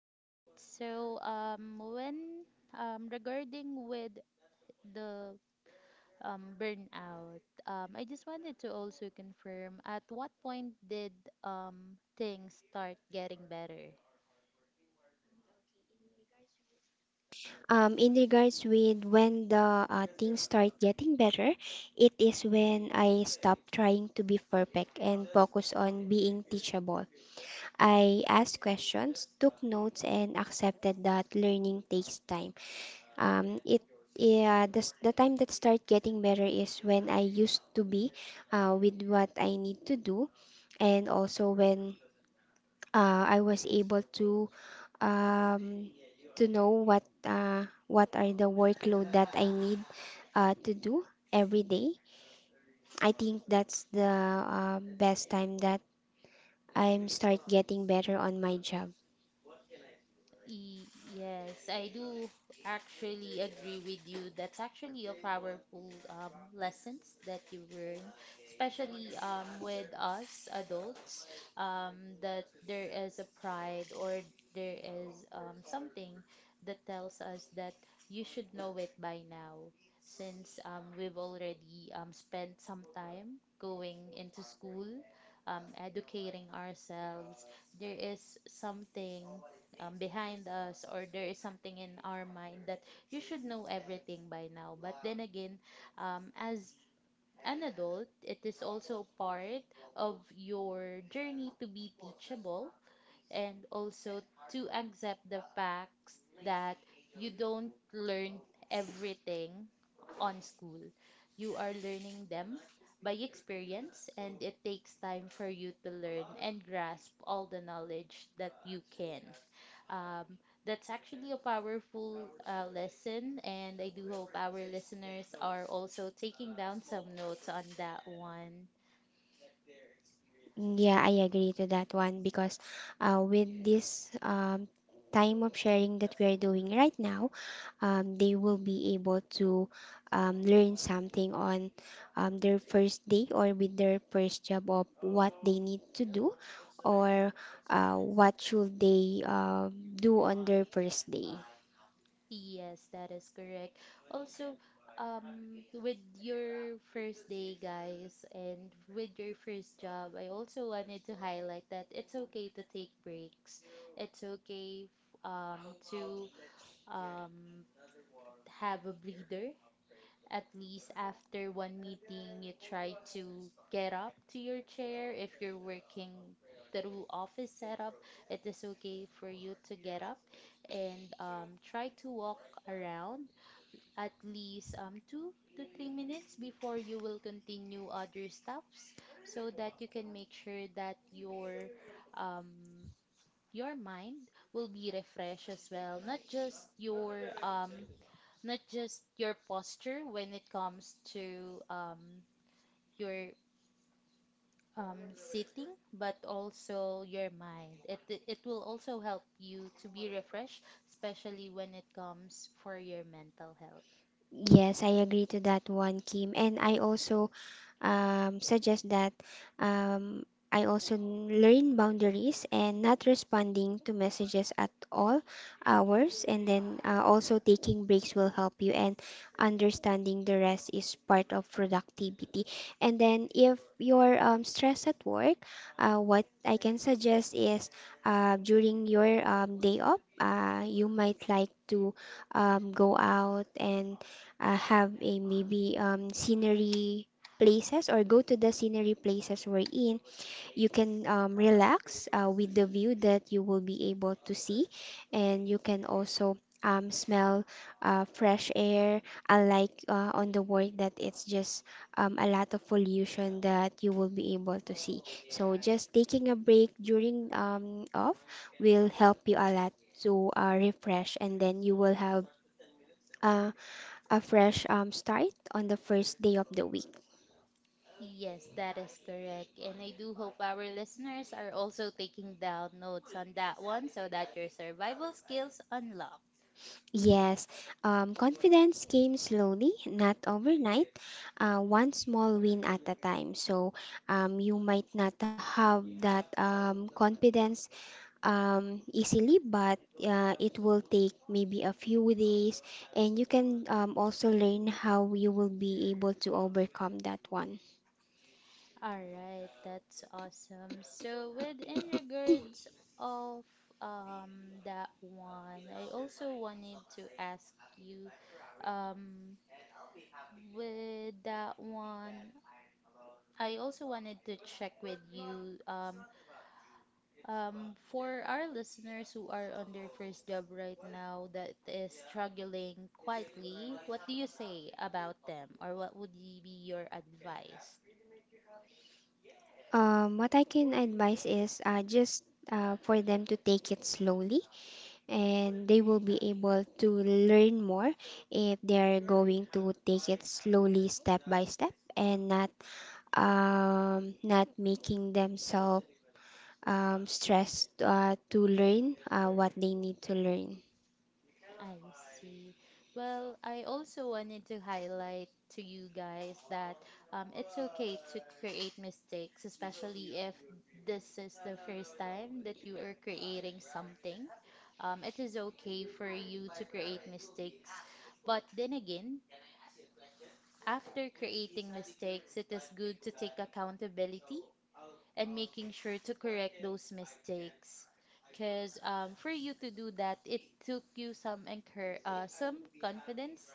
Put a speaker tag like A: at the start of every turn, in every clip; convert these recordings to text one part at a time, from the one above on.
A: All right. So when regarding with the burnout, I just wanted to also confirm at what point did things start getting better?
B: In regards with when the things start getting better, it is when I stop trying to be perfect and focus on being teachable. I asked questions, took notes, and accepted that learning takes time. It yeah, the, s- the time that start getting better is when I used to be with what I need to do, and also when I was able um, to know what are the workload that I need to do every day. I think that's the best time that I'm start getting better on my job.
A: Yes, I do actually agree with you. That's actually a powerful lessons that you learn, especially with us adults, that there is a pride or there is something that tells us that you should know it by now, since we've already spent some time going into school, educating ourselves. There is something behind us or there is something in our mind that you should know everything by now. But then again, as an adult, it is also part of your journey to be teachable and also to accept the facts that you don't learn everything on school. You are learning them by experience, and it takes time for you to learn and grasp all the knowledge that you can. Um, that's actually a powerful lesson, and I do hope our listeners are also taking down some notes on that one.
B: Yeah, I agree to that one because with this time of sharing that we are doing right now, they will be able to learn something on their first day or with their first job of what they need to do or what should they do on their first day.
A: Yes, that is correct. Also, with your first day, guys, and with your first job, I also wanted to highlight that it's okay to take breaks. It's okay to um, have a breather. At least after one meeting, you try to get up to your chair. If you're working through office setup, it is okay for you to get up and try to walk around at least 2 to 3 minutes before you will continue other stuffs, so that you can make sure that um, your mind will be refreshed as well, not just your not just your posture when it comes to your sitting, but also your mind. It will also help you to be refreshed, especially when it comes for your mental health.
B: Yes, I agree to that one, Kim. And I also suggest that um, I also learn boundaries and not responding to messages at all hours. And then also taking breaks will help you, and understanding the rest is part of productivity. And then if you're stressed at work, what I can suggest is during your day off, you might like to go out and have a maybe scenery places or go to the scenery places we're in, you can relax with the view that you will be able to see, and you can also smell fresh air, unlike on the work that it's just a lot of pollution that you will be able to see. So just taking a break during off will help you a lot to refresh, and then you will have uh, a fresh start on the first day of the week.
A: Yes, that is correct. And I do hope our listeners are also taking down notes on that one so that your survival skills unlock.
B: Yes, confidence came slowly, not overnight, one small win at a time. So you might not have that confidence easily, but it will take maybe a few days, and you can also learn how you will be able to overcome that one.
A: All right, that's awesome. So with in regards of that one, I also wanted to ask you, um with that one, I also wanted to check with you, for our listeners who are on their first job right now that is struggling quietly, what do you say about them, or what would be your advice?
B: What I can advise is just for them to take it slowly and they will be able to learn more if they are going to take it slowly step by step and not not making themselves stressed to learn what they need to learn.
A: I see. Well, I also wanted to highlight to you guys that it's okay to create mistakes, especially if this is the first time that you are creating something. It is okay for you to create mistakes. But then again, after creating mistakes, it is good to take accountability and making sure to correct those mistakes. Because for you to do that, it took you some confidence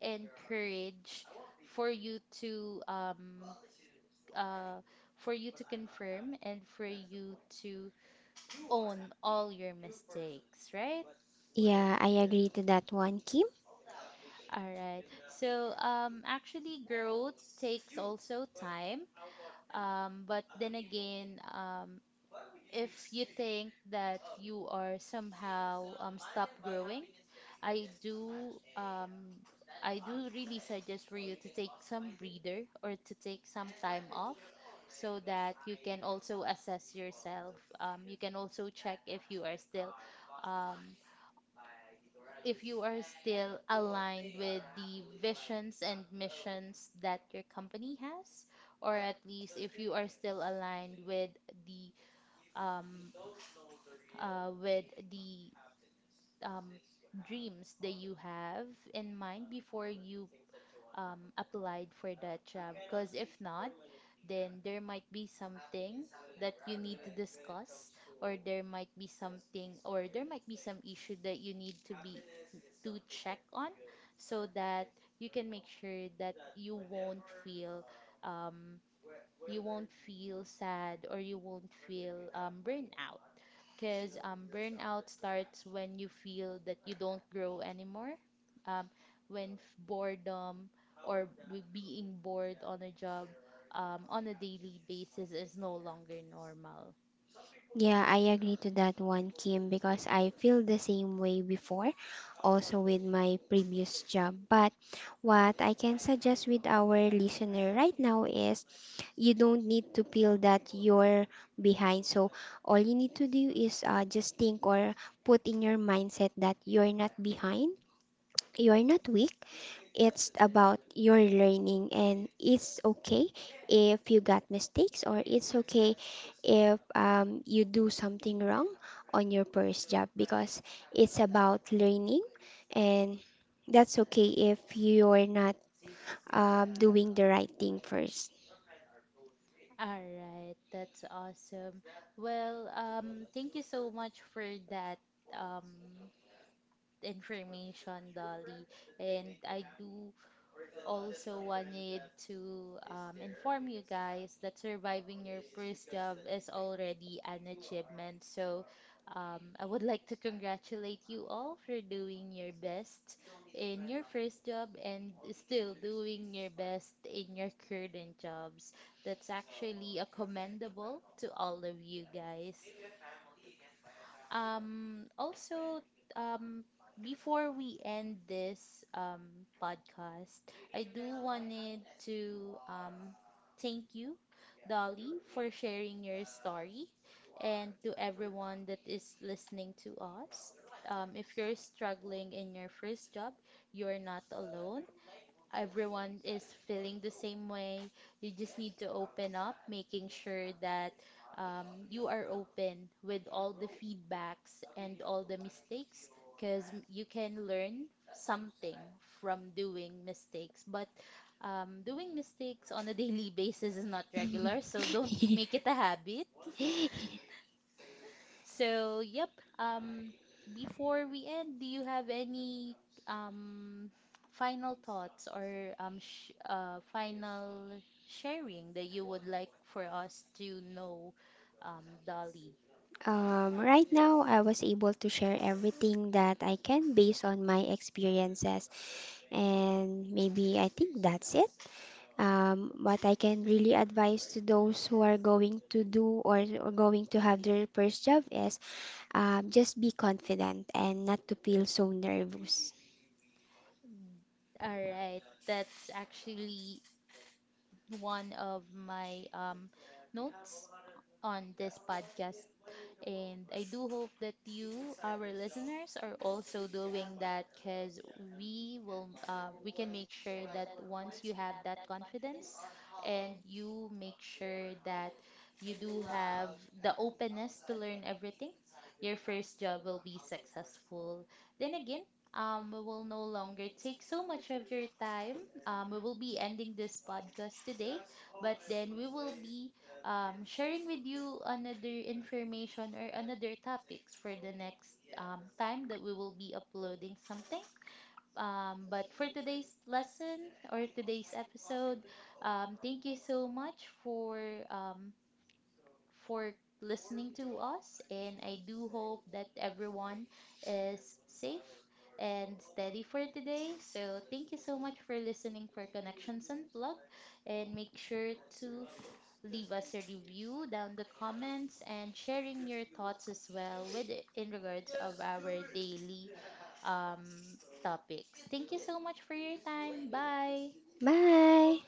A: and courage for you to uh, confirm and for you to own all your mistakes, right?
B: Yeah, I agree to that one, Kim.
A: All right. So actually, growth takes also time. But then again, if you think that you are somehow stop growing, I do um, I do really suggest for you to take some breather or to take some time off so that you can also assess yourself. You can also check if you are still um, if you are still aligned with the visions and missions that your company has, or at least if you are still aligned with the um, uh, with the um, dreams that you have in mind before you applied for that job. Because if not, then there might be something that you need to discuss, or there might be something, or there might be some issue that you need to check on, so that you can make sure that um, you won't feel sad or you won't feel burnout, because burnout starts when you feel that you don't grow anymore, um, when boredom or being bored on a job on a daily basis is no longer normal.
B: Yeah, I agree to that one, Kim, because I feel the same way before, also with my previous job. But what I can suggest with our listener right now is you don't need to feel that you're behind. So all you need to do is just think or put in your mindset that you're not behind, you're not weak. It's about your learning, and it's okay if you got mistakes, or it's okay if you do something wrong on your first job because it's about learning, and that's okay if you're not doing the right thing first.
A: All right, that's awesome. Well, thank you so much for that um information, Dolly. And I do also wanted to inform you guys that surviving your first job is already an achievement. So I would like to congratulate you all for doing your best in your first job and still doing your best in your current job. That's actually a commendable to all of you guys. Also, um, before we end this podcast, I do wanted to thank you, Dolly, for sharing your story, and to everyone that is listening to us. If you're struggling in your first job, you're not alone, everyone is feeling the same way. You just need to open up, making sure that you are open with all the feedbacks and all the mistakes, because you can learn something from doing mistakes. But doing mistakes on a daily basis is not regular, so don't make it a habit, so, yep. Um, before we end, do you have any um final thoughts or sh final sharing that you would like for us to know, Dolly?
B: Right now, I was able to share everything that I can based on my experiences. And maybe I think that's it. What I can really advise to those who are going to do or going to have their first job is just be confident and not to feel so nervous.
A: All right, that's actually one of my notes on this podcast. And I do hope that you, our listeners, are also doing that, because we can make sure that once you have that confidence and you make sure that you do have the openness to learn everything, your first job will be successful. Then again, we will no longer take so much of your time. We will be ending this podcast today, but then we will be sharing with you another information or another topics for the next time that we will be uploading something. But for today's lesson or today's episode, um, thank you so much for um, for listening to us, and I do hope that everyone is safe and steady for today. So thank you so much for listening for Connections Unplugged, and make sure to leave us a review down the comments and sharing your thoughts as well with in regards of our daily um, topics. Thank you so much for your time. Bye.
B: Bye!